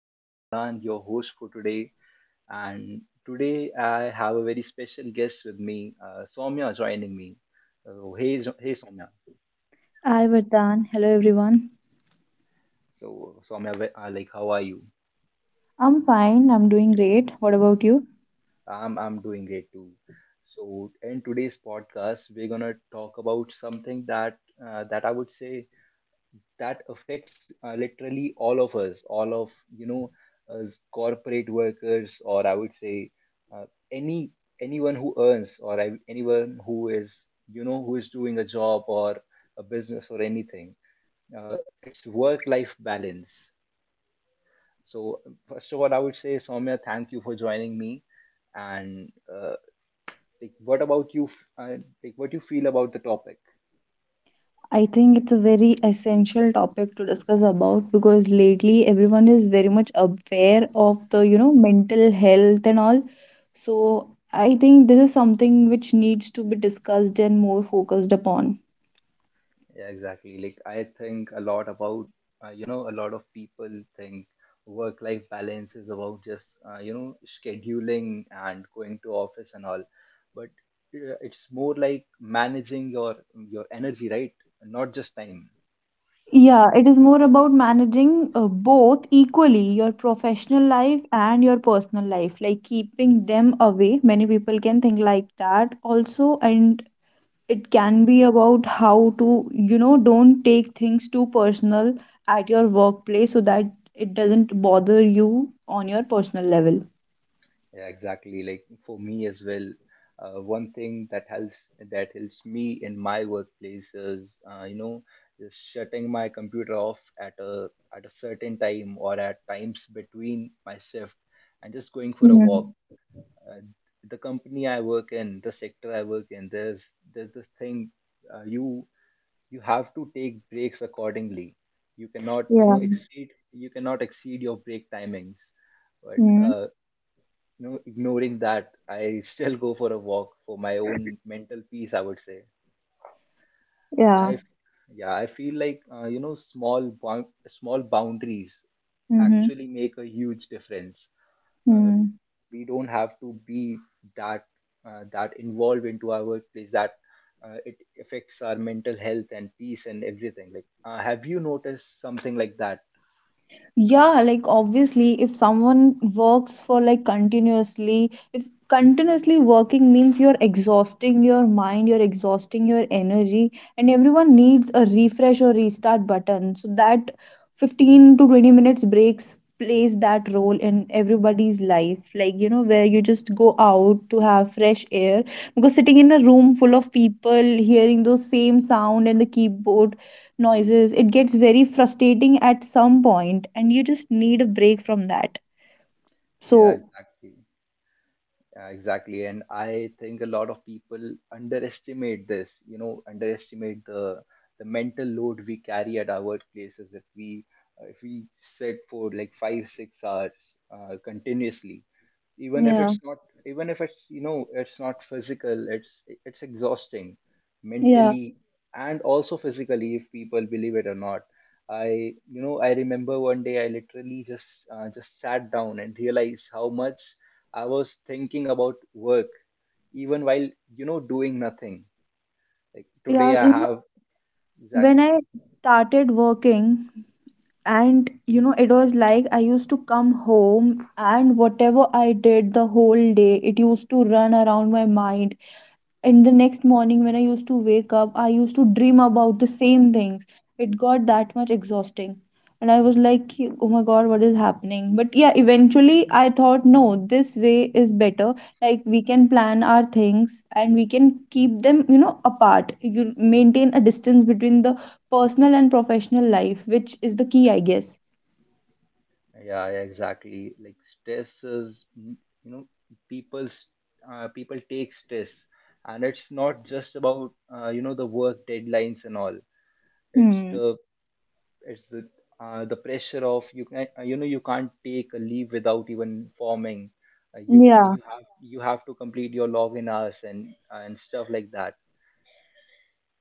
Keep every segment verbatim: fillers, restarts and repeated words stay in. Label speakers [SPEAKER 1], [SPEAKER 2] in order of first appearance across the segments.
[SPEAKER 1] I'm Vardhan, your host for today. And today I have a very special guest with me, uh, Soumya, joining me. So, hey, Zo- hey Soumya.
[SPEAKER 2] Hi, Vardhan. Hello, everyone.
[SPEAKER 1] So, Soumya, wh- uh, like, how are you?
[SPEAKER 2] I'm fine. I'm doing great. What about you?
[SPEAKER 1] I'm, I'm doing great too. So, in today's podcast, we're gonna talk about something that uh, that I would say that affects uh, literally all of us, all of you know, us corporate workers, or I would say uh, any anyone who earns, or I, anyone who is you know who is doing a job or a business or anything. Uh, it's work-life balance. So first of all, I would say Soumya, thank you for joining me. And uh, Like, what about you? F- Uh, like, what you feel about the topic?
[SPEAKER 2] I think it's a very essential topic to discuss about because lately everyone is very much aware of the, you know, mental health and all. So I think this is something which needs to be discussed and more focused upon.
[SPEAKER 1] Yeah, exactly. Like I think a lot about, uh, you know, a lot of people think work-life balance is about just, uh, you know, scheduling and going to office and all, but uh, it's more like managing your your energy, right? Not just time.
[SPEAKER 2] Yeah, it is more about managing uh, both equally your professional life and your personal life, like keeping them away. Many people can think like that also, and it can be about how to you know don't take things too personal at your workplace so that it doesn't bother you on your personal level.
[SPEAKER 1] Yeah, exactly. Like for me as well, uh, one thing that helps that helps me in my workplace is, uh, you know, just shutting my computer off at a at a certain time or at times between my shift and just going for a walk.
[SPEAKER 2] Mm.
[SPEAKER 1] Uh, the company I work in, the sector I work in, there's there's this thing, uh, you you have to take breaks accordingly. You cannot, you
[SPEAKER 2] Yeah.
[SPEAKER 1] know, exceed you cannot exceed your break timings. But
[SPEAKER 2] Mm.
[SPEAKER 1] uh, You know, ignoring that, I still go for a walk for my own mental peace, I would say.
[SPEAKER 2] Yeah.
[SPEAKER 1] I, yeah, I feel like, uh, you know, small, bound, small boundaries
[SPEAKER 2] mm-hmm.
[SPEAKER 1] actually make a huge difference.
[SPEAKER 2] mm
[SPEAKER 1] Uh,
[SPEAKER 2] hmm
[SPEAKER 1] we don't have to be that, uh, that involved into our workplace that uh, it affects our mental health and peace and everything. Like, uh, have you noticed something like that?
[SPEAKER 2] Yeah, like obviously, if someone works for like continuously, if continuously working means you're exhausting your mind, you're exhausting your energy, and everyone needs a refresh or restart button. So that fifteen to twenty minutes breaks plays that role in everybody's life. Like, you know, where you just go out to have fresh air because sitting in a room full of people, hearing those same sound and the keyboard noises, it gets very frustrating at some point and you just need a break from that,
[SPEAKER 1] Yeah,
[SPEAKER 2] so.
[SPEAKER 1] exactly. Yeah, exactly. And I think a lot of people underestimate this, you know, underestimate the the mental load we carry at our workplaces if we uh, if we sit for like five, six hours uh, continuously, even if
[SPEAKER 2] Yeah.
[SPEAKER 1] it's not even if it's you know it's not physical, it's it's exhausting
[SPEAKER 2] Yeah,
[SPEAKER 1] mentally, and also physically, if people believe it or not. I you know I remember one day I literally just uh, just sat down and realized how much I was thinking about work even while you know doing nothing. Like
[SPEAKER 2] yeah.
[SPEAKER 1] today
[SPEAKER 2] You
[SPEAKER 1] I
[SPEAKER 2] know,
[SPEAKER 1] have
[SPEAKER 2] when
[SPEAKER 1] exactly.
[SPEAKER 2] i started working and you know it was like i used to come home, and whatever i did the whole day it used to run around my mind. In the next morning when i used to wake up, i used to dream about the same things. It got that much exhausting, and i was like, oh my god, what is happening? But yeah, eventually i thought no, this way is better. Like we can plan our things and we can keep them you know apart. You maintain a distance between the personal and professional life, which is the key, i guess.
[SPEAKER 1] Yeah, yeah, exactly. Like stress is, mm, you know, people's uh, people take stress, and it's not just about uh, you know the work deadlines and all. It's
[SPEAKER 2] Hmm.
[SPEAKER 1] the it's the uh, The pressure of you can uh, you know you can't take a leave without even forming. Uh, you
[SPEAKER 2] Yeah.
[SPEAKER 1] you have you have to complete your login hours and and stuff like that.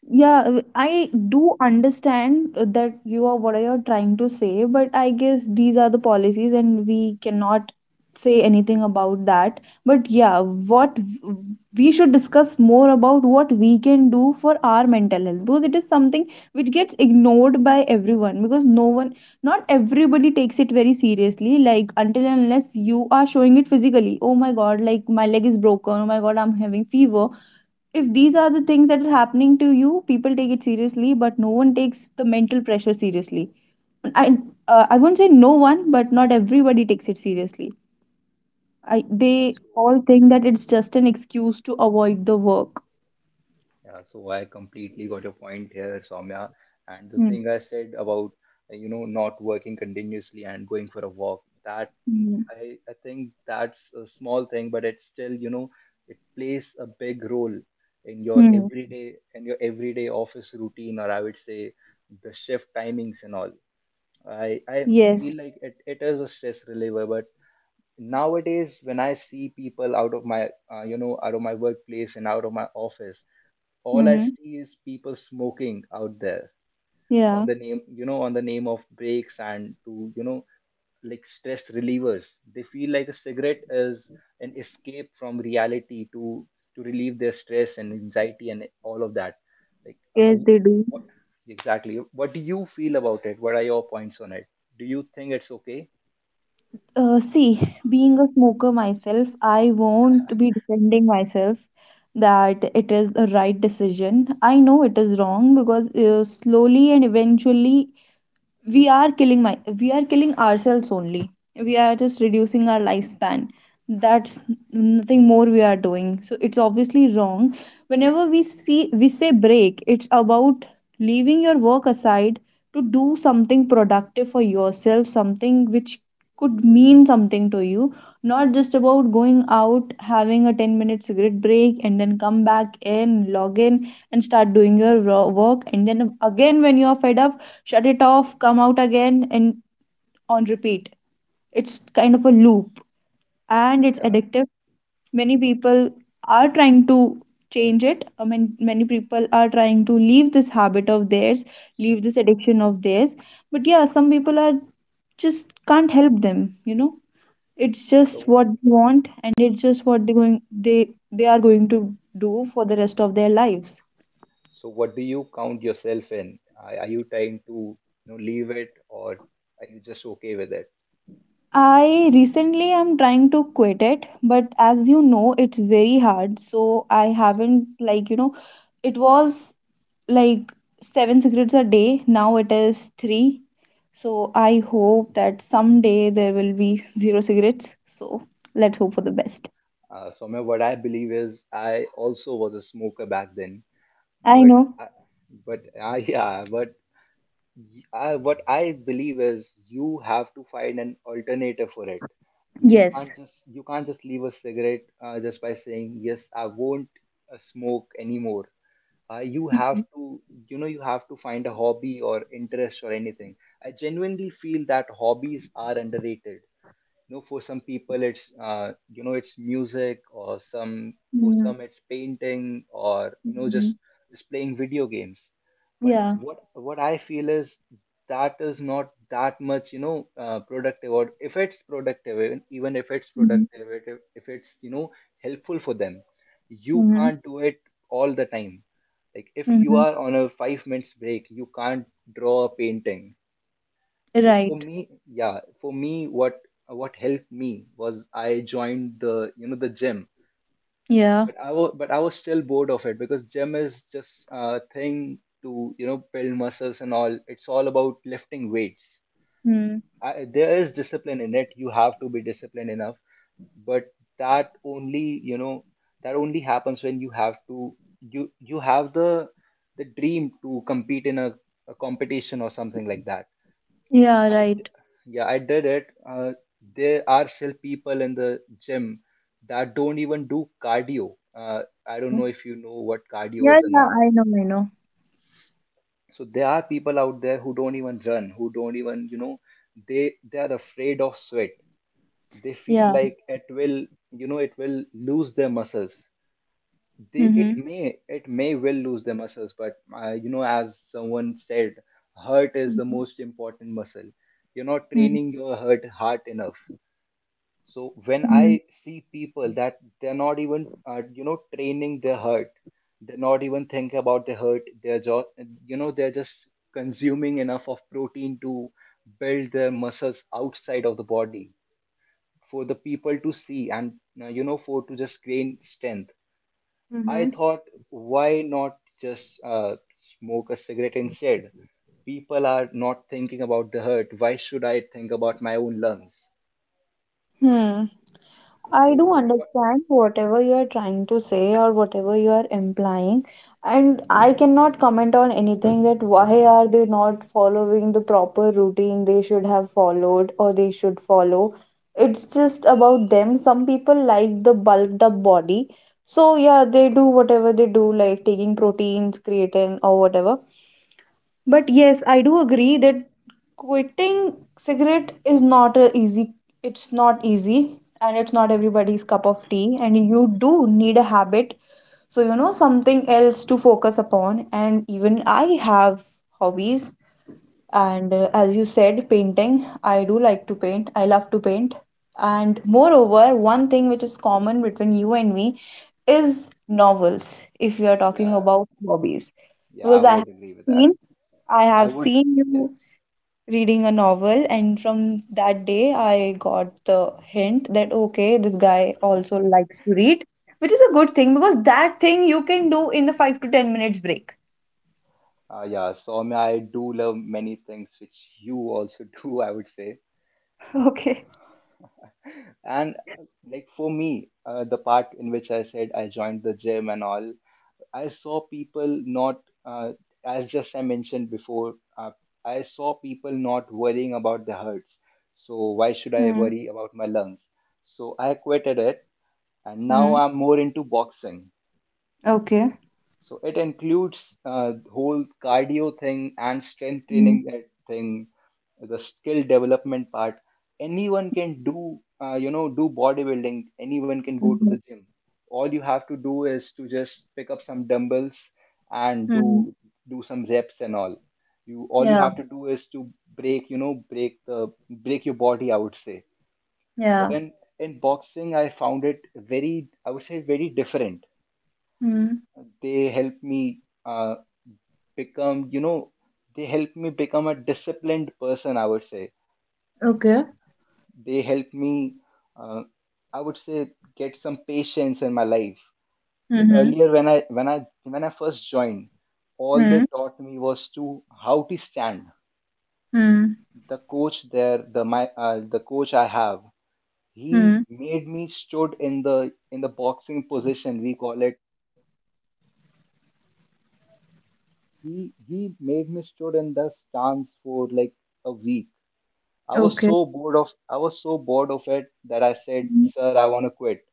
[SPEAKER 2] Yeah, w- I do understand uh, that you are what you're trying to say, but I guess these are the policies and we cannot say anything about that. But yeah, what w- we should discuss more about what we can do for our mental health because it is something which gets ignored by everyone because no one, not everybody takes it very seriously. Like until and unless you are showing it physically, oh my god, like my leg is broken, oh my god, I'm having fever, if these are the things that are happening to you, people take it seriously but no one takes the mental pressure seriously. I uh, i won't say no one, but not everybody takes it seriously. i
[SPEAKER 1] Yeah,
[SPEAKER 2] they
[SPEAKER 1] so
[SPEAKER 2] all think that it's just an excuse to avoid the work.
[SPEAKER 1] Yeah, so I completely got your point here, Soumya. And the thing I said about, uh, you know, not working continuously and going for a walk, that mm,
[SPEAKER 2] Mm-hmm.
[SPEAKER 1] I, I think that's a small thing, but it's still, you know, it plays a big role in your everyday in your everyday office routine, or I would say the shift timings and all. I I
[SPEAKER 2] Yes.
[SPEAKER 1] feel like it, it is a stress reliever, but nowadays when I see people out of my, uh, you know, out of my workplace and out of my office, all I
[SPEAKER 2] Mm-hmm.
[SPEAKER 1] see is people smoking out there
[SPEAKER 2] Yeah.
[SPEAKER 1] on the name, you know, on the name of breaks and to, you know, like stress relievers. They feel like a cigarette is an escape from reality to to relieve their stress and anxiety and all of that. Like,
[SPEAKER 2] Yes,
[SPEAKER 1] how,
[SPEAKER 2] they do.
[SPEAKER 1] what exactly? What do you feel about it? What are your points on it? Do you think it's okay?
[SPEAKER 2] Uh, see, being a smoker myself, I won't be defending myself that it is the right decision. I know it is wrong because uh, slowly and eventually we are killing my we are killing ourselves only. We are just reducing our lifespan, that's nothing more we are doing, so it's obviously wrong. Whenever we see, we say break, it's about leaving your work aside to do something productive for yourself, something which could mean something to you, not just about going out having a ten minute cigarette break and then come back in, log in, and start doing your ro- work, and then again when you are fed up, shut it off, come out again, and on repeat. It's kind of a loop and it's
[SPEAKER 1] Yeah.
[SPEAKER 2] addictive. Many people are trying to change it. I mean, many people are trying to leave this habit of theirs, leave this addiction of theirs. But yeah, some people are just can't help them, you know. It's just
[SPEAKER 1] So,
[SPEAKER 2] what they want and it's just what they going they they are going to do for the rest of their lives.
[SPEAKER 1] so what do you count yourself in? Are, are you trying to, you know, leave it, or are you just okay with it?
[SPEAKER 2] I recently am trying to quit it, but as you know, it's very hard. So I haven't, like, you know, it was like seven cigarettes a day. Now it is three. So I hope that someday there will be zero cigarettes. So let's hope for the best.
[SPEAKER 1] Uh, Swamya, what I believe is I also was a smoker back then,
[SPEAKER 2] I
[SPEAKER 1] but
[SPEAKER 2] know.
[SPEAKER 1] I, but uh, yeah, but y- I, what I believe is you have to find an alternative for it. You
[SPEAKER 2] Yes.
[SPEAKER 1] can't just you can't just leave a cigarette uh, just by saying yes, I won't uh, smoke anymore. Uh, you have
[SPEAKER 2] Mhm.
[SPEAKER 1] to you know you have to find a hobby or interest or anything. I genuinely feel that hobbies are underrated. You know, for some people it's uh, you know it's music, or some, for
[SPEAKER 2] Mhm.
[SPEAKER 1] some it's painting, or you know,
[SPEAKER 2] Mhm.
[SPEAKER 1] just just playing video games. But
[SPEAKER 2] Yeah.
[SPEAKER 1] what what I feel is that is not that much you know uh, productive, or if it's productive, even, even if it's
[SPEAKER 2] Mhm.
[SPEAKER 1] productive, if, if it's you know helpful for them, you
[SPEAKER 2] Mhm.
[SPEAKER 1] can't do it all the time. Like if you
[SPEAKER 2] Mhm.
[SPEAKER 1] are on a five minutes break you can't draw a painting. So for
[SPEAKER 2] Right.
[SPEAKER 1] me, yeah, for me, what what helped me was I joined the you know the gym,
[SPEAKER 2] Yeah.
[SPEAKER 1] but I was but I was still bored of it because gym is just a thing to you know build muscles and all. It's all about lifting weights.
[SPEAKER 2] Mm.
[SPEAKER 1] I, there is discipline in it. You have to be disciplined enough, but that only you know that only happens when you have to, you you have the the dream to compete in a, a competition or something like that.
[SPEAKER 2] Yeah.
[SPEAKER 1] I d-
[SPEAKER 2] Right.
[SPEAKER 1] yeah, I did it. Uh, there are still people in the gym that don't even do cardio. Uh, I don't
[SPEAKER 2] Yeah.
[SPEAKER 1] know if you know what cardio
[SPEAKER 2] Yeah. I
[SPEAKER 1] is or not.
[SPEAKER 2] know. I know.
[SPEAKER 1] So there are people out there who don't even run, who don't even, you know, they they are afraid of sweat. They feel
[SPEAKER 2] Yeah.
[SPEAKER 1] like it will, you know, it will lose their muscles. They
[SPEAKER 2] Mm-hmm.
[SPEAKER 1] It may it may will lose their muscles, but uh, you know, as someone said, heart is the
[SPEAKER 2] Mhm,
[SPEAKER 1] most important muscle. You're not
[SPEAKER 2] mhm,
[SPEAKER 1] training your heart hard enough, so when
[SPEAKER 2] mhm.
[SPEAKER 1] I see people that they're not even uh, you know training their hurt, they're not even thinking about their hurt, they're just you know they're just consuming enough of protein to build their muscles outside of the body for the people to see, and uh, you know for to just gain strength. I
[SPEAKER 2] Mm-hmm.
[SPEAKER 1] thought, why not just uh, smoke a cigarette instead? People are not thinking about the hurt, why should I think about my own lungs?
[SPEAKER 2] Hmm.
[SPEAKER 1] So
[SPEAKER 2] I do
[SPEAKER 1] wh- what
[SPEAKER 2] understand whatever you are trying to say or whatever you are implying, and I cannot comment on anything that why are they not following the proper routine they should have followed or they should follow. It's just about them. Some people like the bulked up body, so yeah, they do whatever they do, like taking proteins, creatine, or whatever. But yes, I do agree that quitting cigarette is not a easy it's not easy, and it's not everybody's cup of tea, and you do need a habit, so you know something else to focus upon. And even i have hobbies, and uh, as you said, painting, i do like to paint, i love to paint. And moreover, one thing which is common between you and me is novels, if you are talking
[SPEAKER 1] Yeah.
[SPEAKER 2] about hobbies.
[SPEAKER 1] Yeah, I
[SPEAKER 2] Because i
[SPEAKER 1] would
[SPEAKER 2] have
[SPEAKER 1] agree with that.
[SPEAKER 2] seen i
[SPEAKER 1] I
[SPEAKER 2] have
[SPEAKER 1] would,
[SPEAKER 2] seen
[SPEAKER 1] yes.
[SPEAKER 2] you reading a novel, and from that day i got the hint that okay, this guy also likes to read, which is a good thing because that thing you can do in the five to ten minutes break.
[SPEAKER 1] Uh, yeah, so I mean, I do love many things which you also do, I would say.
[SPEAKER 2] Okay.
[SPEAKER 1] And uh, like for me, uh, the part in which I said I joined the gym and all, I saw people not, uh, as just I mentioned before, uh, I saw people not worrying about their hearts. So why should I
[SPEAKER 2] Hmm.
[SPEAKER 1] worry about my lungs? So I quitted it and now
[SPEAKER 2] Hmm.
[SPEAKER 1] I'm more into boxing.
[SPEAKER 2] Okay.
[SPEAKER 1] So it includes uh, whole cardio thing and strength
[SPEAKER 2] Mm,
[SPEAKER 1] training uh, thing, the skill development part. Anyone can do, uh, you know, do bodybuilding. Anyone can go to the
[SPEAKER 2] mm-hmm.
[SPEAKER 1] gym. All you have to do is to just pick up some dumbbells and
[SPEAKER 2] Mm.
[SPEAKER 1] do do some reps and all. You All you
[SPEAKER 2] Yeah,
[SPEAKER 1] have to do is to break, you know, break the break your body, I would say. But
[SPEAKER 2] yeah.
[SPEAKER 1] in in boxing, I found it very, I would say, very different.
[SPEAKER 2] Hmm.
[SPEAKER 1] They helped me uh, become you know they help me become a disciplined person, I would say.
[SPEAKER 2] Okay.
[SPEAKER 1] They help me uh, I would say get some patience in my life. Like
[SPEAKER 2] Mm-hmm.
[SPEAKER 1] earlier when i when i when I first joined, all they
[SPEAKER 2] Hmm.
[SPEAKER 1] taught me was to how to stand.
[SPEAKER 2] Hmm.
[SPEAKER 1] The coach there, the my uh, the coach I have, he
[SPEAKER 2] Mm.
[SPEAKER 1] made me stood in the in the boxing position, we call it. He he made me stood in the stance for like a week. I was
[SPEAKER 2] Okay.
[SPEAKER 1] so bored of I was so bored of it that I said,
[SPEAKER 2] Hmm.
[SPEAKER 1] "Sir, I want to quit."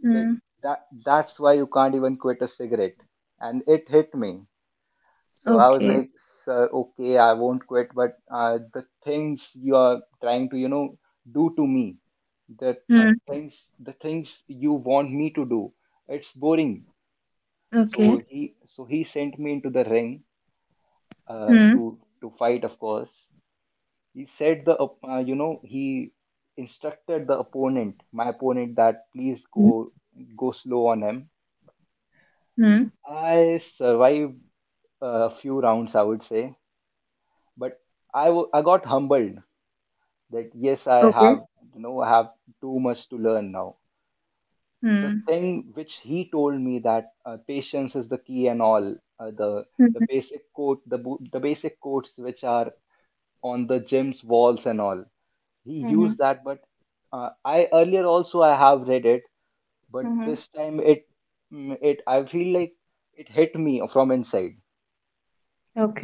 [SPEAKER 1] He said,
[SPEAKER 2] Mm.
[SPEAKER 1] "That that's why you can't even quit a cigarette." And it hit me. So I was
[SPEAKER 2] Okay.
[SPEAKER 1] like, "Sir, okay, I won't quit, but uh, the things you are trying to, you know, do to me, the uh,
[SPEAKER 2] Hmm.
[SPEAKER 1] things the things you want me to do, it's boring."
[SPEAKER 2] Okay.
[SPEAKER 1] So he so he sent me into the ring uh,
[SPEAKER 2] Hmm.
[SPEAKER 1] to to fight, of course. He said the op- uh, you know, he instructed the opponent, my opponent that please
[SPEAKER 2] Mm.
[SPEAKER 1] go go slow on him.
[SPEAKER 2] Hmm.
[SPEAKER 1] I survived a few rounds, I would say, but I wa- I got humbled, that yes I
[SPEAKER 2] Okay.
[SPEAKER 1] have you know I have too much to learn now. The
[SPEAKER 2] Mm,
[SPEAKER 1] thing which he told me, that uh, patience is the key and all, uh, the
[SPEAKER 2] mm-hmm.
[SPEAKER 1] the basic quote the bo- the basic quotes which are on the gym's walls and all, he
[SPEAKER 2] Mm-hmm.
[SPEAKER 1] used that. But uh, I earlier also I have read it, but
[SPEAKER 2] Mm-hmm.
[SPEAKER 1] this time it mm, it I feel like it hit me from inside.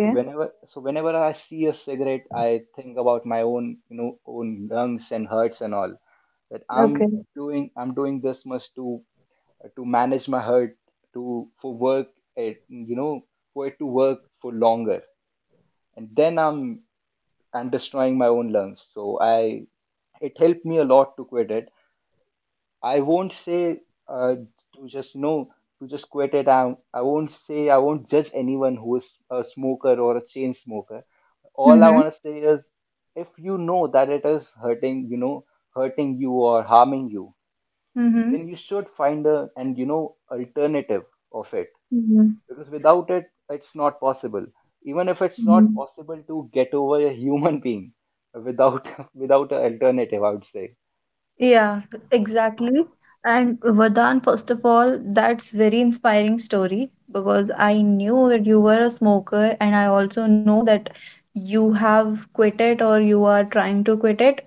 [SPEAKER 1] so whenever So whenever I see a cigarette, I think about my own, you know, own lungs and hurts and all, that i'm
[SPEAKER 2] Okay.
[SPEAKER 1] doing I'm doing this much to to manage my hurt, to for work, it you know for it to work for longer. And then i'm I'm destroying my own lungs, so I, it helped me a lot to quit it. I won't say uh, to just you know to just quit it. I, I won't say, I won't judge anyone who is a smoker or a chain smoker. All I
[SPEAKER 2] Mm-hmm.
[SPEAKER 1] want to say is, if you know that it is hurting, you know, hurting you or harming you,
[SPEAKER 2] Mm-hmm.
[SPEAKER 1] then you should find a and you know alternative of it,
[SPEAKER 2] Mm-hmm.
[SPEAKER 1] because without it, it's not possible. Even if it's not
[SPEAKER 2] Mm-hmm.
[SPEAKER 1] possible to get over a human being without without an alternative, I would say.
[SPEAKER 2] Yeah, exactly. And Vardhan, first of all, that's very inspiring story because I knew that you were a smoker and I also know that you have quit it or you are trying to quit it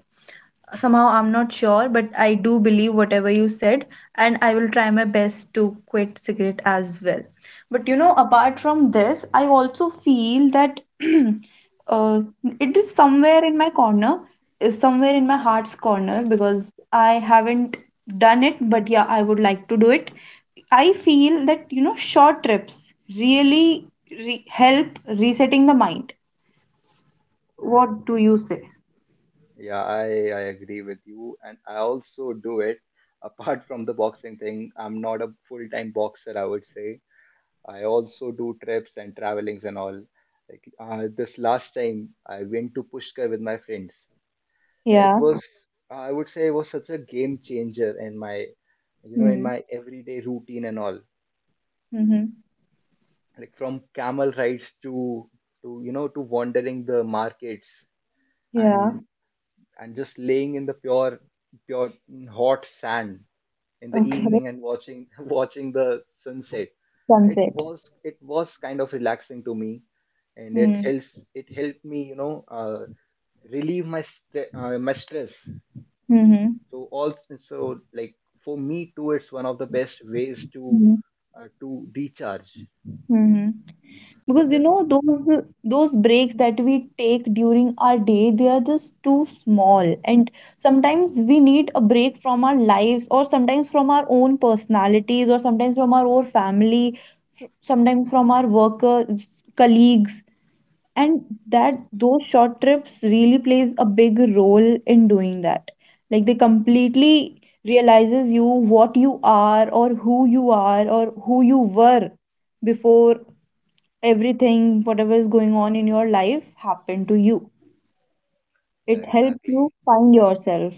[SPEAKER 2] somehow. I'm not sure, but i do believe whatever you said, and i will try my best to quit cigarette as well. But you know, apart from this, i also feel that uh, it is somewhere in my corner, is somewhere in my heart's corner, because i haven't done it, but yeah, i would like to do it. I feel that you know, short trips really re- help resetting the mind. What do you say?
[SPEAKER 1] Yeah, I, I agree with you. And I also do it. Apart from the boxing thing, I'm not a full-time boxer, I would say. I also do trips and travelings and all. Like uh, this last time, I went to Pushkar with my friends. It
[SPEAKER 2] Yeah.
[SPEAKER 1] was, I would say, it was such a game changer in my, you know, in
[SPEAKER 2] Mm-hmm.
[SPEAKER 1] my everyday routine and all. Like from camel rides to, to you know, to wandering the markets
[SPEAKER 2] Yeah.
[SPEAKER 1] and and just laying in the pure pure hot sand in the
[SPEAKER 2] Okay,
[SPEAKER 1] evening and watching watching the sunset. It
[SPEAKER 2] sunset.
[SPEAKER 1] was it was kind of relaxing to me, and it
[SPEAKER 2] Mm.
[SPEAKER 1] helps it helped me, you know, uh, relieve my st- uh, my stress.
[SPEAKER 2] Hmm. Mm-hmm.
[SPEAKER 1] So all so like for me too, it's one of the best ways to
[SPEAKER 2] Mm-hmm.
[SPEAKER 1] uh, to recharge.
[SPEAKER 2] Mm-hmm. Because you
[SPEAKER 1] This
[SPEAKER 2] know those those breaks that we take during our day, they are just too small. And sometimes we need a break from our lives, or sometimes from our own personalities, or sometimes from our own family, sometimes from our workers, colleagues. And that those short trips really plays a big role in doing that, like they completely realizes you what you are or who you are or who you were before, everything whatever is going on in your life happened to you,
[SPEAKER 1] yeah
[SPEAKER 2] it helps
[SPEAKER 1] exactly
[SPEAKER 2] you find yourself.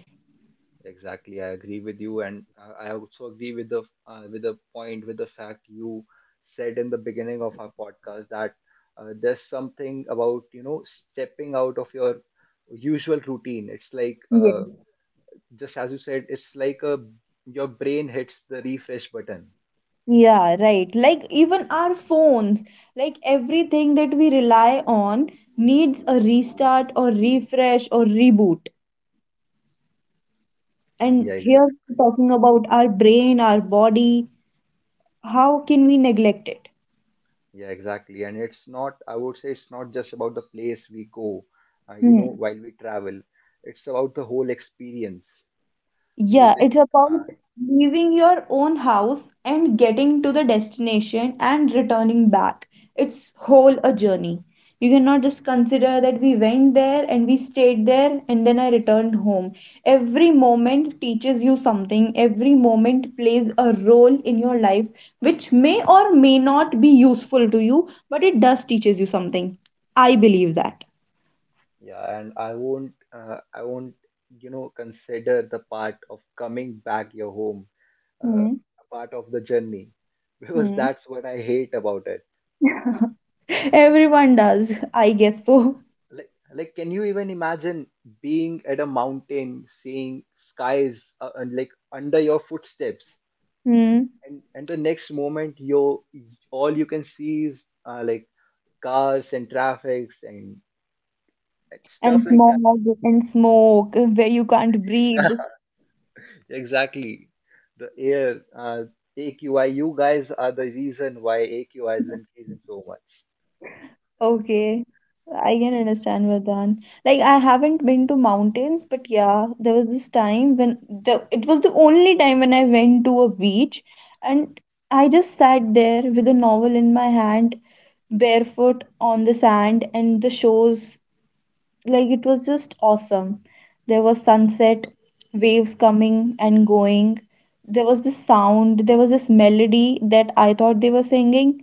[SPEAKER 1] exactly, I agree with you. And uh, I also agree with the uh, with the point, with the fact you said in the beginning of our podcast, that uh, there's something about, you know, stepping out of your usual routine. It's like uh,
[SPEAKER 2] Yes.
[SPEAKER 1] just as you said, it's like a, your brain hits the refresh button.
[SPEAKER 2] Yeah, right. Like even our phones, like everything that we rely on needs a restart or refresh or reboot. And
[SPEAKER 1] Yeah,
[SPEAKER 2] here
[SPEAKER 1] exactly.
[SPEAKER 2] we're talking about our brain, our body. How can we neglect it?
[SPEAKER 1] Yeah, exactly. And it's not, I would say, it's not just about the place we go, uh, you know,
[SPEAKER 2] Hmm.
[SPEAKER 1] while we travel. It's about the whole experience,
[SPEAKER 2] Yeah, it's
[SPEAKER 1] meeting,
[SPEAKER 2] about
[SPEAKER 1] uh,
[SPEAKER 2] leaving your own house and getting to the destination and returning back. It's whole a journey. You cannot just consider that we went there and we stayed there and then I returned home. Every moment teaches you something. Every moment plays a role in your life, which may or may not be useful to you, but it does teaches you something. I believe that.
[SPEAKER 1] Yeah, and I won't, uh, I won't, you know, consider the part of coming back your home, uh,
[SPEAKER 2] Hmm.
[SPEAKER 1] a part of the journey, because
[SPEAKER 2] Hmm.
[SPEAKER 1] that's what I hate about it.
[SPEAKER 2] Everyone does, I guess so.
[SPEAKER 1] Like, like, can you even imagine being at a mountain, seeing skies, uh, and like under your footsteps,
[SPEAKER 2] Hmm.
[SPEAKER 1] and and the next moment, you, all you can see is uh, like cars and traffics, and, and
[SPEAKER 2] And
[SPEAKER 1] stuff like that.
[SPEAKER 2] smog and smoke where you can't breathe.
[SPEAKER 1] Exactly. The air, uh, A Q I, you guys are the reason why A Q I is increasing so much.
[SPEAKER 2] Okay. I can understand, Vardhan. Like I haven't been to mountains, but yeah, there was this time when the it was the only time when I went to a beach, and I just sat there with a novel in my hand, barefoot on the sand and the shores, like it was just awesome. There was sunset, waves coming and going. There was this sound, there was this melody that I thought they were singing,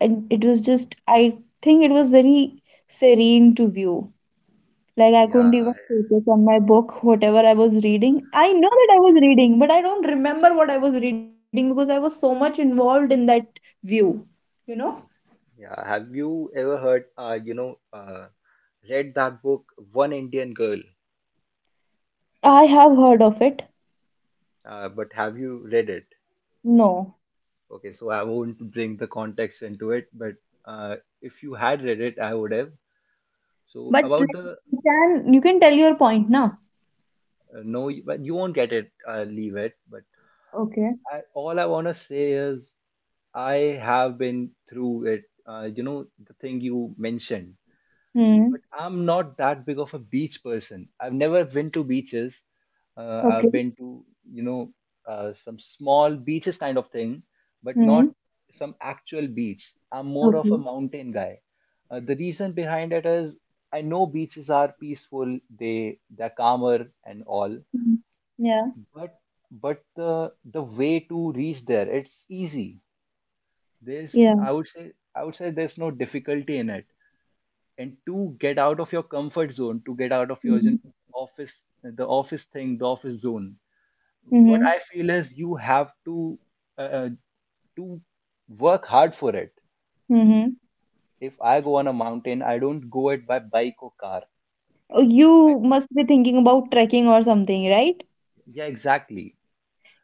[SPEAKER 2] and it was just, I think it was very serene to view. Like I couldn't
[SPEAKER 1] Yeah,
[SPEAKER 2] even focus on my book, whatever I was reading. I know that I was reading, but I don't remember what I was reading because I was so much involved in that view, you know?
[SPEAKER 1] yeah. Have you ever heard, uh, you know, uh, read that book, One Indian Girl?
[SPEAKER 2] I have heard of it.
[SPEAKER 1] Uh, but have you read it?
[SPEAKER 2] No.
[SPEAKER 1] Okay, so I won't bring the context into it, but uh, if you had read it, I would have. So
[SPEAKER 2] But
[SPEAKER 1] about
[SPEAKER 2] like,
[SPEAKER 1] the,
[SPEAKER 2] you can, you can tell your point na.
[SPEAKER 1] uh, no, you- but you won't get it, uh, leave it. But
[SPEAKER 2] Okay.
[SPEAKER 1] I, all I want to say is, I have been through it, uh, you know, the thing you mentioned.
[SPEAKER 2] Hmm.
[SPEAKER 1] But I'm not that big of a beach person. I've never been to beaches. Uh, I've
[SPEAKER 2] Okay.
[SPEAKER 1] been to, you know, uh, some small beaches kind of thing, but not
[SPEAKER 2] Hmm.
[SPEAKER 1] some actual beach. I'm more of a
[SPEAKER 2] Okay.
[SPEAKER 1] mountain guy. Uh, the reason behind it is, I know beaches are peaceful, they they're calmer and all,
[SPEAKER 2] Hmm. Yeah.
[SPEAKER 1] but but the the way to reach there, it's easy. There's,
[SPEAKER 2] Yeah.
[SPEAKER 1] I would say, I would say, there's no difficulty in it. And to get out of your comfort zone, to get out of your, you
[SPEAKER 2] Hmm.
[SPEAKER 1] know, office, the office thing, the office zone. What
[SPEAKER 2] Mm-hmm.
[SPEAKER 1] I feel is, you have to uh, uh, to work hard for it.
[SPEAKER 2] Mm-hmm.
[SPEAKER 1] If I go on a mountain, I don't go it by bike or car.
[SPEAKER 2] Oh,
[SPEAKER 1] I,
[SPEAKER 2] you must be thinking about trekking or something, right?
[SPEAKER 1] yeah, exactly.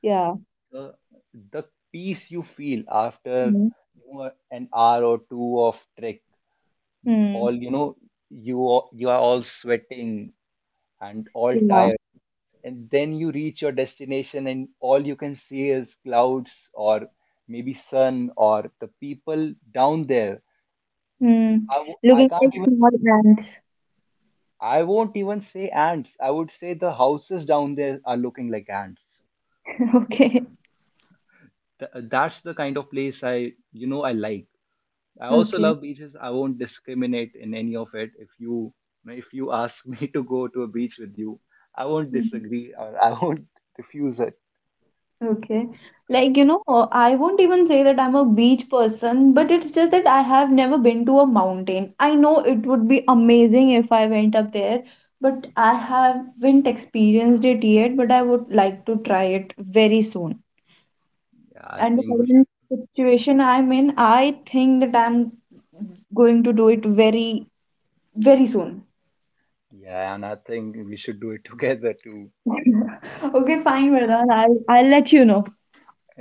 [SPEAKER 2] Yeah.
[SPEAKER 1] The the peace you feel after,
[SPEAKER 2] Hmm.
[SPEAKER 1] you know, an hour or two of trek,
[SPEAKER 2] Hmm.
[SPEAKER 1] all, you know, you are- you are all sweating and all
[SPEAKER 2] Yeah.
[SPEAKER 1] tired, and then you reach your destination and all you can see is clouds, or maybe sun, or the people down there.
[SPEAKER 2] Hmm.
[SPEAKER 1] I, w- I
[SPEAKER 2] Looking
[SPEAKER 1] can't
[SPEAKER 2] like
[SPEAKER 1] even,
[SPEAKER 2] small ants.
[SPEAKER 1] i won't even say ants I would say the houses down there are looking like ants.
[SPEAKER 2] Okay.
[SPEAKER 1] Th- that's the kind of place, I, you know, I like. I also
[SPEAKER 2] Okay.
[SPEAKER 1] love beaches, I won't discriminate in any of it. If you if you ask me to go to a beach with you, I won't
[SPEAKER 2] Hmm.
[SPEAKER 1] disagree, or I won't refuse it.
[SPEAKER 2] Okay. Like, you know, uh, I won't even say that I'm a beach person, but it's just that I have never been to a mountain. I know it would be amazing if I went up there, but I haven't experienced it yet, but I would like to try it very soon.
[SPEAKER 1] yeah i
[SPEAKER 2] And the
[SPEAKER 1] think we should
[SPEAKER 2] current situation I'm in, I think that I'm going to do it very, very soon.
[SPEAKER 1] Yeah, and I think we should do it together too.
[SPEAKER 2] Okay, fine, Vardhan. I'll, I'll let you know.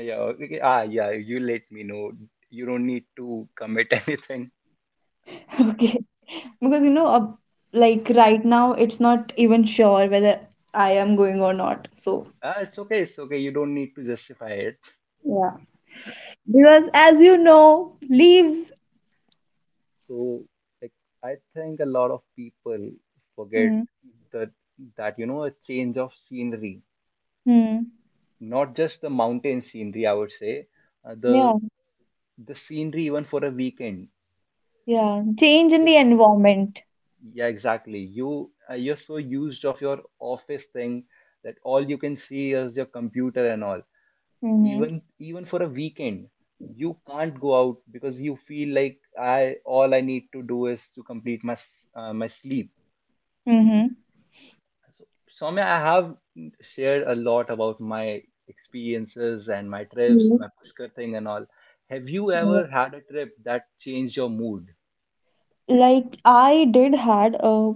[SPEAKER 1] Yeah, okay. Ah, yeah, you let me know. You don't need to commit anything.
[SPEAKER 2] Okay. Because you know uh, like right now it's not even sure whether I am going or not, so
[SPEAKER 1] Ah, it's okay, it's okay. You don't need to justify it.
[SPEAKER 2] yeah. Because as you know, leaves.
[SPEAKER 1] So, like, I think a lot of people forget
[SPEAKER 2] Hmm.
[SPEAKER 1] that that you know, a change of scenery,
[SPEAKER 2] Hmm.
[SPEAKER 1] not just the mountain scenery, I would say, uh, the
[SPEAKER 2] Yeah.
[SPEAKER 1] the scenery even for a weekend.
[SPEAKER 2] Yeah. Change in the environment.
[SPEAKER 1] Yeah, exactly. You uh, you're so used of your office thing that all you can see is your computer and all.
[SPEAKER 2] Mm-hmm.
[SPEAKER 1] Even even for a weekend, you can't go out because you feel like, I, all I need to do is to complete my s- uh, my sleep.
[SPEAKER 2] Mm-hmm.
[SPEAKER 1] So, Soumya, I have shared a lot about my experiences and my trips,
[SPEAKER 2] Mhm.
[SPEAKER 1] my Pushkar thing and all. Have you
[SPEAKER 2] Yeah.
[SPEAKER 1] ever had a trip that changed your mood,
[SPEAKER 2] Like I did had a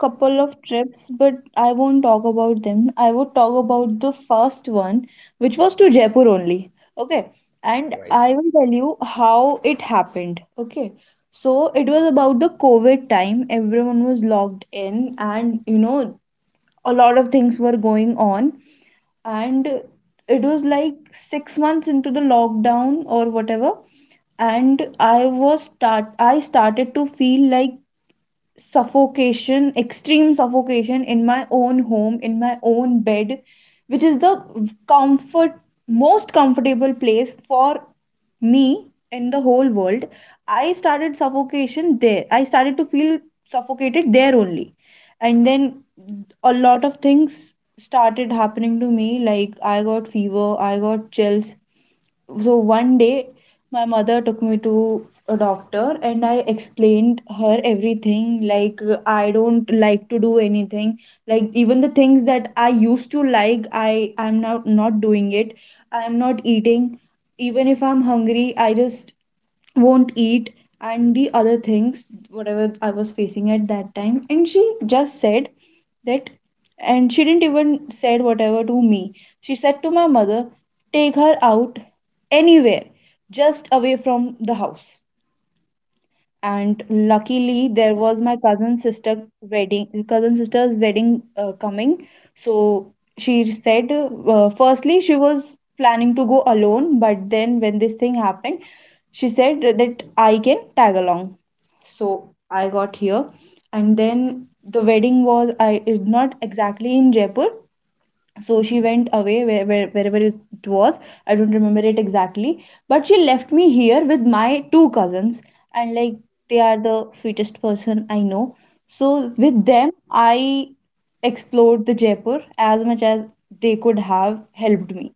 [SPEAKER 2] couple of trips, but I won't talk about them. I would talk about the first one, which was to Jaipur only. Okay. And
[SPEAKER 1] right?
[SPEAKER 2] I will tell you how it happened. Okay. So it was about the COVID time. Everyone was locked in, and you know, a lot of things were going on. And it was like six months into the lockdown or whatever. And I was start I started to feel like suffocation, extreme suffocation in my own home, in my own bed, which is the comfort most comfortable place for me. And the whole world, I started suffocation there, I started to feel suffocated there only. And then a lot of things started happening to me. Like, I got fever, I got chills. So one day my mother took me to a doctor, and I explained her everything. Like, I don't like to do anything, like even the things that I used to like, i i'm not not doing it. I'm not eating, even if I'm hungry I just won't eat, and the other things whatever I was facing at that time. And she just said that, and she didn't even said whatever to me, she said to my mother, take her out anywhere, just away from the house. And luckily there was my cousin sister wedding cousin sister's wedding uh, coming. So she said, uh, firstly she was planning to go alone, but then when this thing happened, she said that I can tag along. So I got here. And then the wedding was, I it not exactly in Jaipur, so she went away where, where, wherever it was, I don't remember it exactly. But she left me here with my two cousins. And like, they are the sweetest person I know. So with them I explored the Jaipur as much as they could have helped me.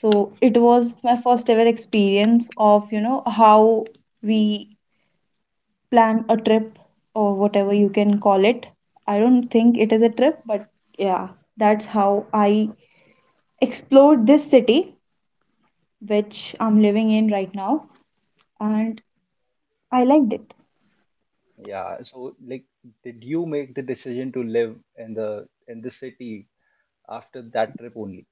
[SPEAKER 2] So it was my first ever experience of, you know, how we plan a trip, or whatever you can call it. I don't think it is a trip, but yeah, that's how I explored this city, which I'm living in right now, and I liked it.
[SPEAKER 1] Yeah. So, like, did you make the decision to live in the in the city after that trip only?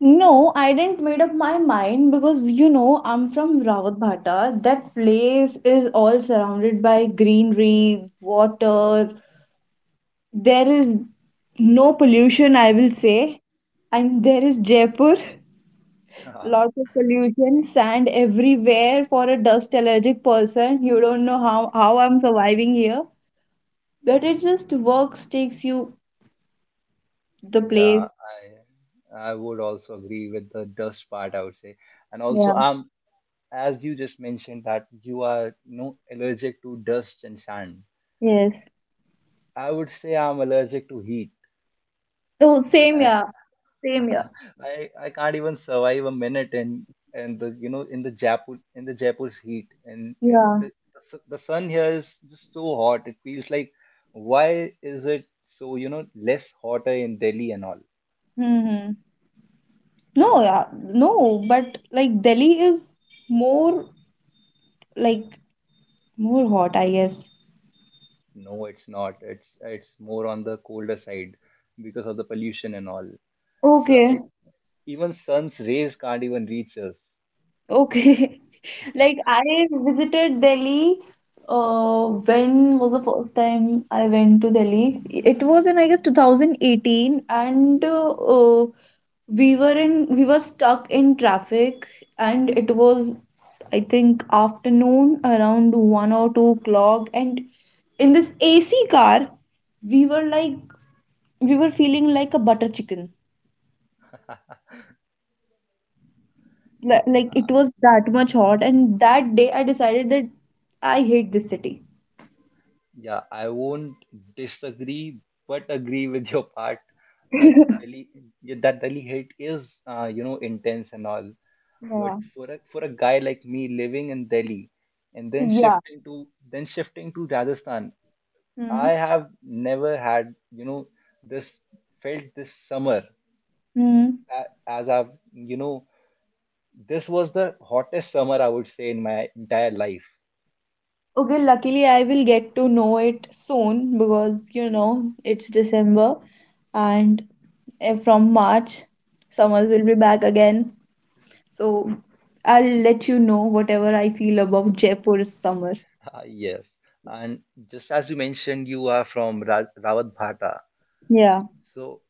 [SPEAKER 2] No, I didn't made up my mind, because you know I'm from Rawatbhata. That place is all surrounded by greenery, water. There is no pollution, I will say. And there is Jaipur, lots of pollution, sand everywhere. For a dust allergic person, you don't know how how I'm surviving here. But it just works, takes you the place.
[SPEAKER 1] Yeah, I I would also agree with the dust part, I would say. And also,
[SPEAKER 2] Yeah.
[SPEAKER 1] um, as you just mentioned that you are, you know, allergic to dust and sand.
[SPEAKER 2] Yes.
[SPEAKER 1] I would say I'm allergic to heat.
[SPEAKER 2] Oh, same. Yeah. Same. Yeah.
[SPEAKER 1] I I can't even survive a minute in, and the, you know, in the Jaipur, in the Jaipur's heat, and and the
[SPEAKER 2] Yeah.
[SPEAKER 1] the su- the sun here is just so hot. It feels like, why is it so, you know, less hotter in Delhi and all?
[SPEAKER 2] Mm-hmm. No. Yeah. No. But like Delhi is more, like, more hot, I guess.
[SPEAKER 1] No, it's not. It's it's more on the colder side because of the pollution and all. So
[SPEAKER 2] Okay.
[SPEAKER 1] I- even sun's rays can't even reach us.
[SPEAKER 2] Okay. Like, I visited Delhi, uh when was the first time I went to Delhi? It was in, I guess, twenty eighteen. And uh, uh, we were in we were stuck in traffic, and it was, I think, afternoon around one or two o'clock. And in this A C car, we were like, we were feeling like a butter chicken. Li- like, it was that much hot, and that day I decided that I hate this city.
[SPEAKER 1] Yeah, I won't disagree, but agree with your part, that Delhi, yeah, that Delhi hate is, uh, you know, intense and all. But
[SPEAKER 2] Yeah.
[SPEAKER 1] for a for a guy like me, living in Delhi and then
[SPEAKER 2] Yeah.
[SPEAKER 1] shifting to then shifting to Rajasthan, I
[SPEAKER 2] Hmm.
[SPEAKER 1] have never had, you know, this, felt this summer
[SPEAKER 2] Hmm.
[SPEAKER 1] a- as I've, you know, this was the hottest summer, I would say, in my entire life.
[SPEAKER 2] Okay, luckily I will get to know it soon, because you know it's December. And eh, from March summers will be back again. So I'll let you know whatever I feel about Jaipur's summer.
[SPEAKER 1] Yes. And just as you mentioned, you are from Ra Rawat.
[SPEAKER 2] Yeah.
[SPEAKER 1] So,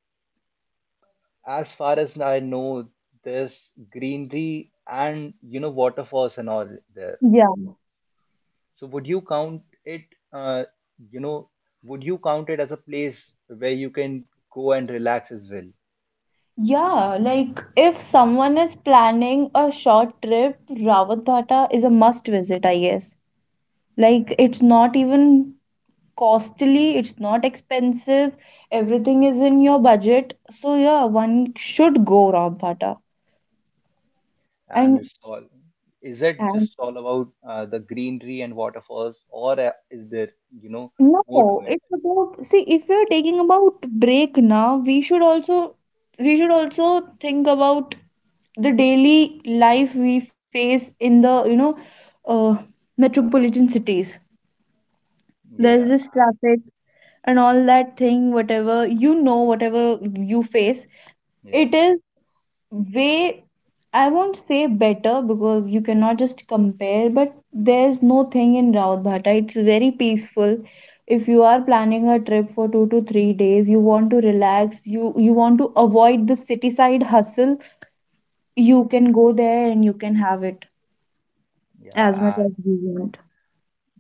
[SPEAKER 1] as far as I know, there's greenery and, you know, waterfalls and all there.
[SPEAKER 2] Yeah.
[SPEAKER 1] So would you count it, uh, you know, would you count it as a place where you can go and relax as well?
[SPEAKER 2] Yeah, like if someone is planning a short trip, Rawatbata is a must visit, I guess. Like, it's not even costly, it's not expensive, everything is in your budget. So yeah, one should go Rawatbata.
[SPEAKER 1] And
[SPEAKER 2] And
[SPEAKER 1] it's all, is it
[SPEAKER 2] and
[SPEAKER 1] just all about uh, the greenery and waterfalls, or uh, is there, you know, more to
[SPEAKER 2] no,
[SPEAKER 1] it?
[SPEAKER 2] it's about, see, if we're taking about break now, we should also we should also think about the daily life we face in the, you know, uh metropolitan cities. There's
[SPEAKER 1] Yeah,
[SPEAKER 2] this
[SPEAKER 1] and
[SPEAKER 2] traffic and all that thing, whatever, you know, whatever you face,
[SPEAKER 1] yeah,
[SPEAKER 2] it is way, I won't say better, because you cannot just compare, but there's no thing in Raudhata, it's very peaceful. If you are planning a trip for two to three days, you want to relax, you you want to avoid the city side hustle, you can go there and you can have it as much
[SPEAKER 1] yeah, and
[SPEAKER 2] as you want.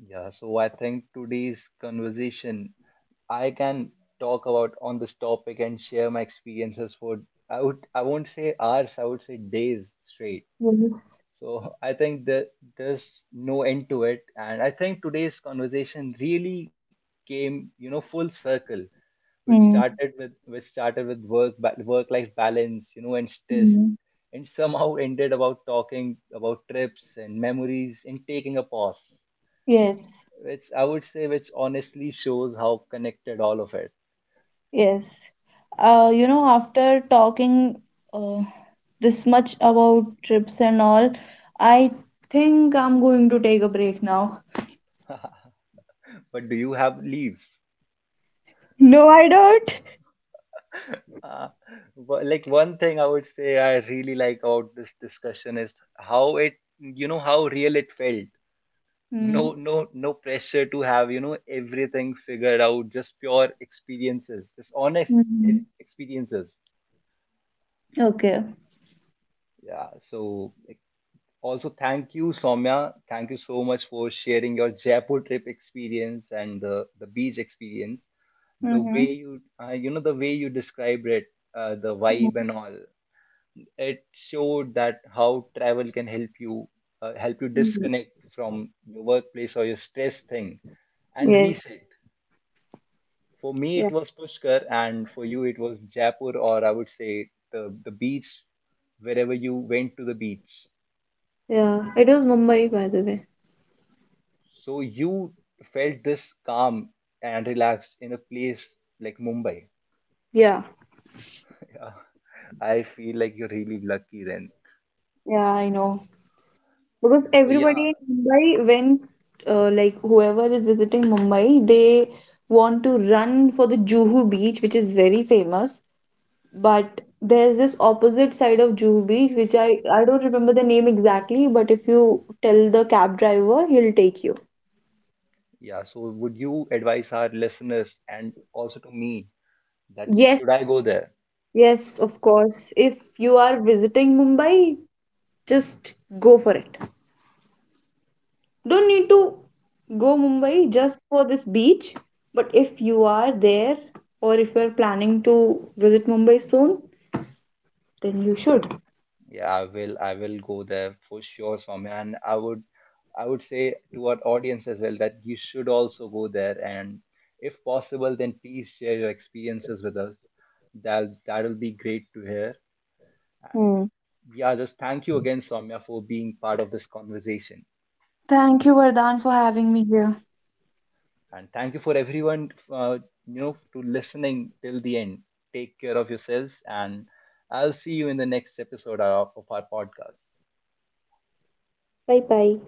[SPEAKER 1] yeah. So I think today's conversation, I can talk about on this topic and share my experiences for, I would I won't say hours, I would say days straight.
[SPEAKER 2] Mhm.
[SPEAKER 1] So I think that there's no end to it. And I think today's conversation really came, you know, full circle, which
[SPEAKER 2] Hmm.
[SPEAKER 1] started with which started with work, work life balance, you know, and stress,
[SPEAKER 2] Hmm.
[SPEAKER 1] and somehow ended about talking about trips and memories and taking a pause.
[SPEAKER 2] Yes.
[SPEAKER 1] Which I would say, which honestly shows how connected all of it.
[SPEAKER 2] Yes. Uh, you know, after talking, uh, this much about trips and all, I think I'm going to take a break now.
[SPEAKER 1] But do you have leave?
[SPEAKER 2] No, I don't.
[SPEAKER 1] Uh, wha- like one thing I would say I really like about this discussion is how it, you know, how real it felt. No,
[SPEAKER 2] Hmm.
[SPEAKER 1] no, no, pressure to have, you know, everything figured out, just pure experiences, just honest ex-
[SPEAKER 2] Hmm.
[SPEAKER 1] experiences.
[SPEAKER 2] Okay.
[SPEAKER 1] Yeah. So like, also thank you, Soumya. Thank you so much for sharing your Jaipur trip experience and the, the beach experience. The
[SPEAKER 2] Mm-hmm.
[SPEAKER 1] way you, uh, you know, the way you described it, uh, the vibe and all, it showed that how travel can help you uh, help you
[SPEAKER 2] Hmm.
[SPEAKER 1] disconnect from your workplace or your stress thing and
[SPEAKER 2] Yes.
[SPEAKER 1] reset. For me, it
[SPEAKER 2] Yeah.
[SPEAKER 1] was Pushkar, and for you, it was Jaipur, or I would say the the beach, wherever you went to the beach.
[SPEAKER 2] Yeah, it was Mumbai, by the way.
[SPEAKER 1] So you felt this calm and relaxed in a place like Mumbai.
[SPEAKER 2] Yeah.
[SPEAKER 1] Yeah, I feel like you're really lucky then.
[SPEAKER 2] Yeah, I know. Because
[SPEAKER 1] So
[SPEAKER 2] everybody
[SPEAKER 1] yeah,
[SPEAKER 2] in Mumbai, when, uh, like, whoever is visiting Mumbai, they want to run for the Juhu beach, which is very famous. But there's this opposite side of Juhu Beach, which I, I don't remember the name exactly, but if you tell the cab driver, he'll take you.
[SPEAKER 1] yeah. So would you advise our listeners and also to me, that
[SPEAKER 2] Yes,
[SPEAKER 1] should I go there?
[SPEAKER 2] yes, of course. If you are visiting Mumbai, just go for it. Don't need to go Mumbai just for this beach. But if you are there, or if you're planning to visit Mumbai soon, then you should.
[SPEAKER 1] Yeah, I will. I will go there for sure, Swami. And I would, I would say to our audience as well that you should also go there. And if possible, then please share your experiences with us. That that'll be great to hear. Uh,
[SPEAKER 2] Hmm.
[SPEAKER 1] Yeah, just thank you again, Swamya, for being part of this conversation.
[SPEAKER 2] Thank you, Vardhan, for having me here.
[SPEAKER 1] And thank you for everyone, uh, you know, to listening till the end. Take care of yourselves, and I'll see you in the next episode of, of our podcast.
[SPEAKER 2] Bye bye.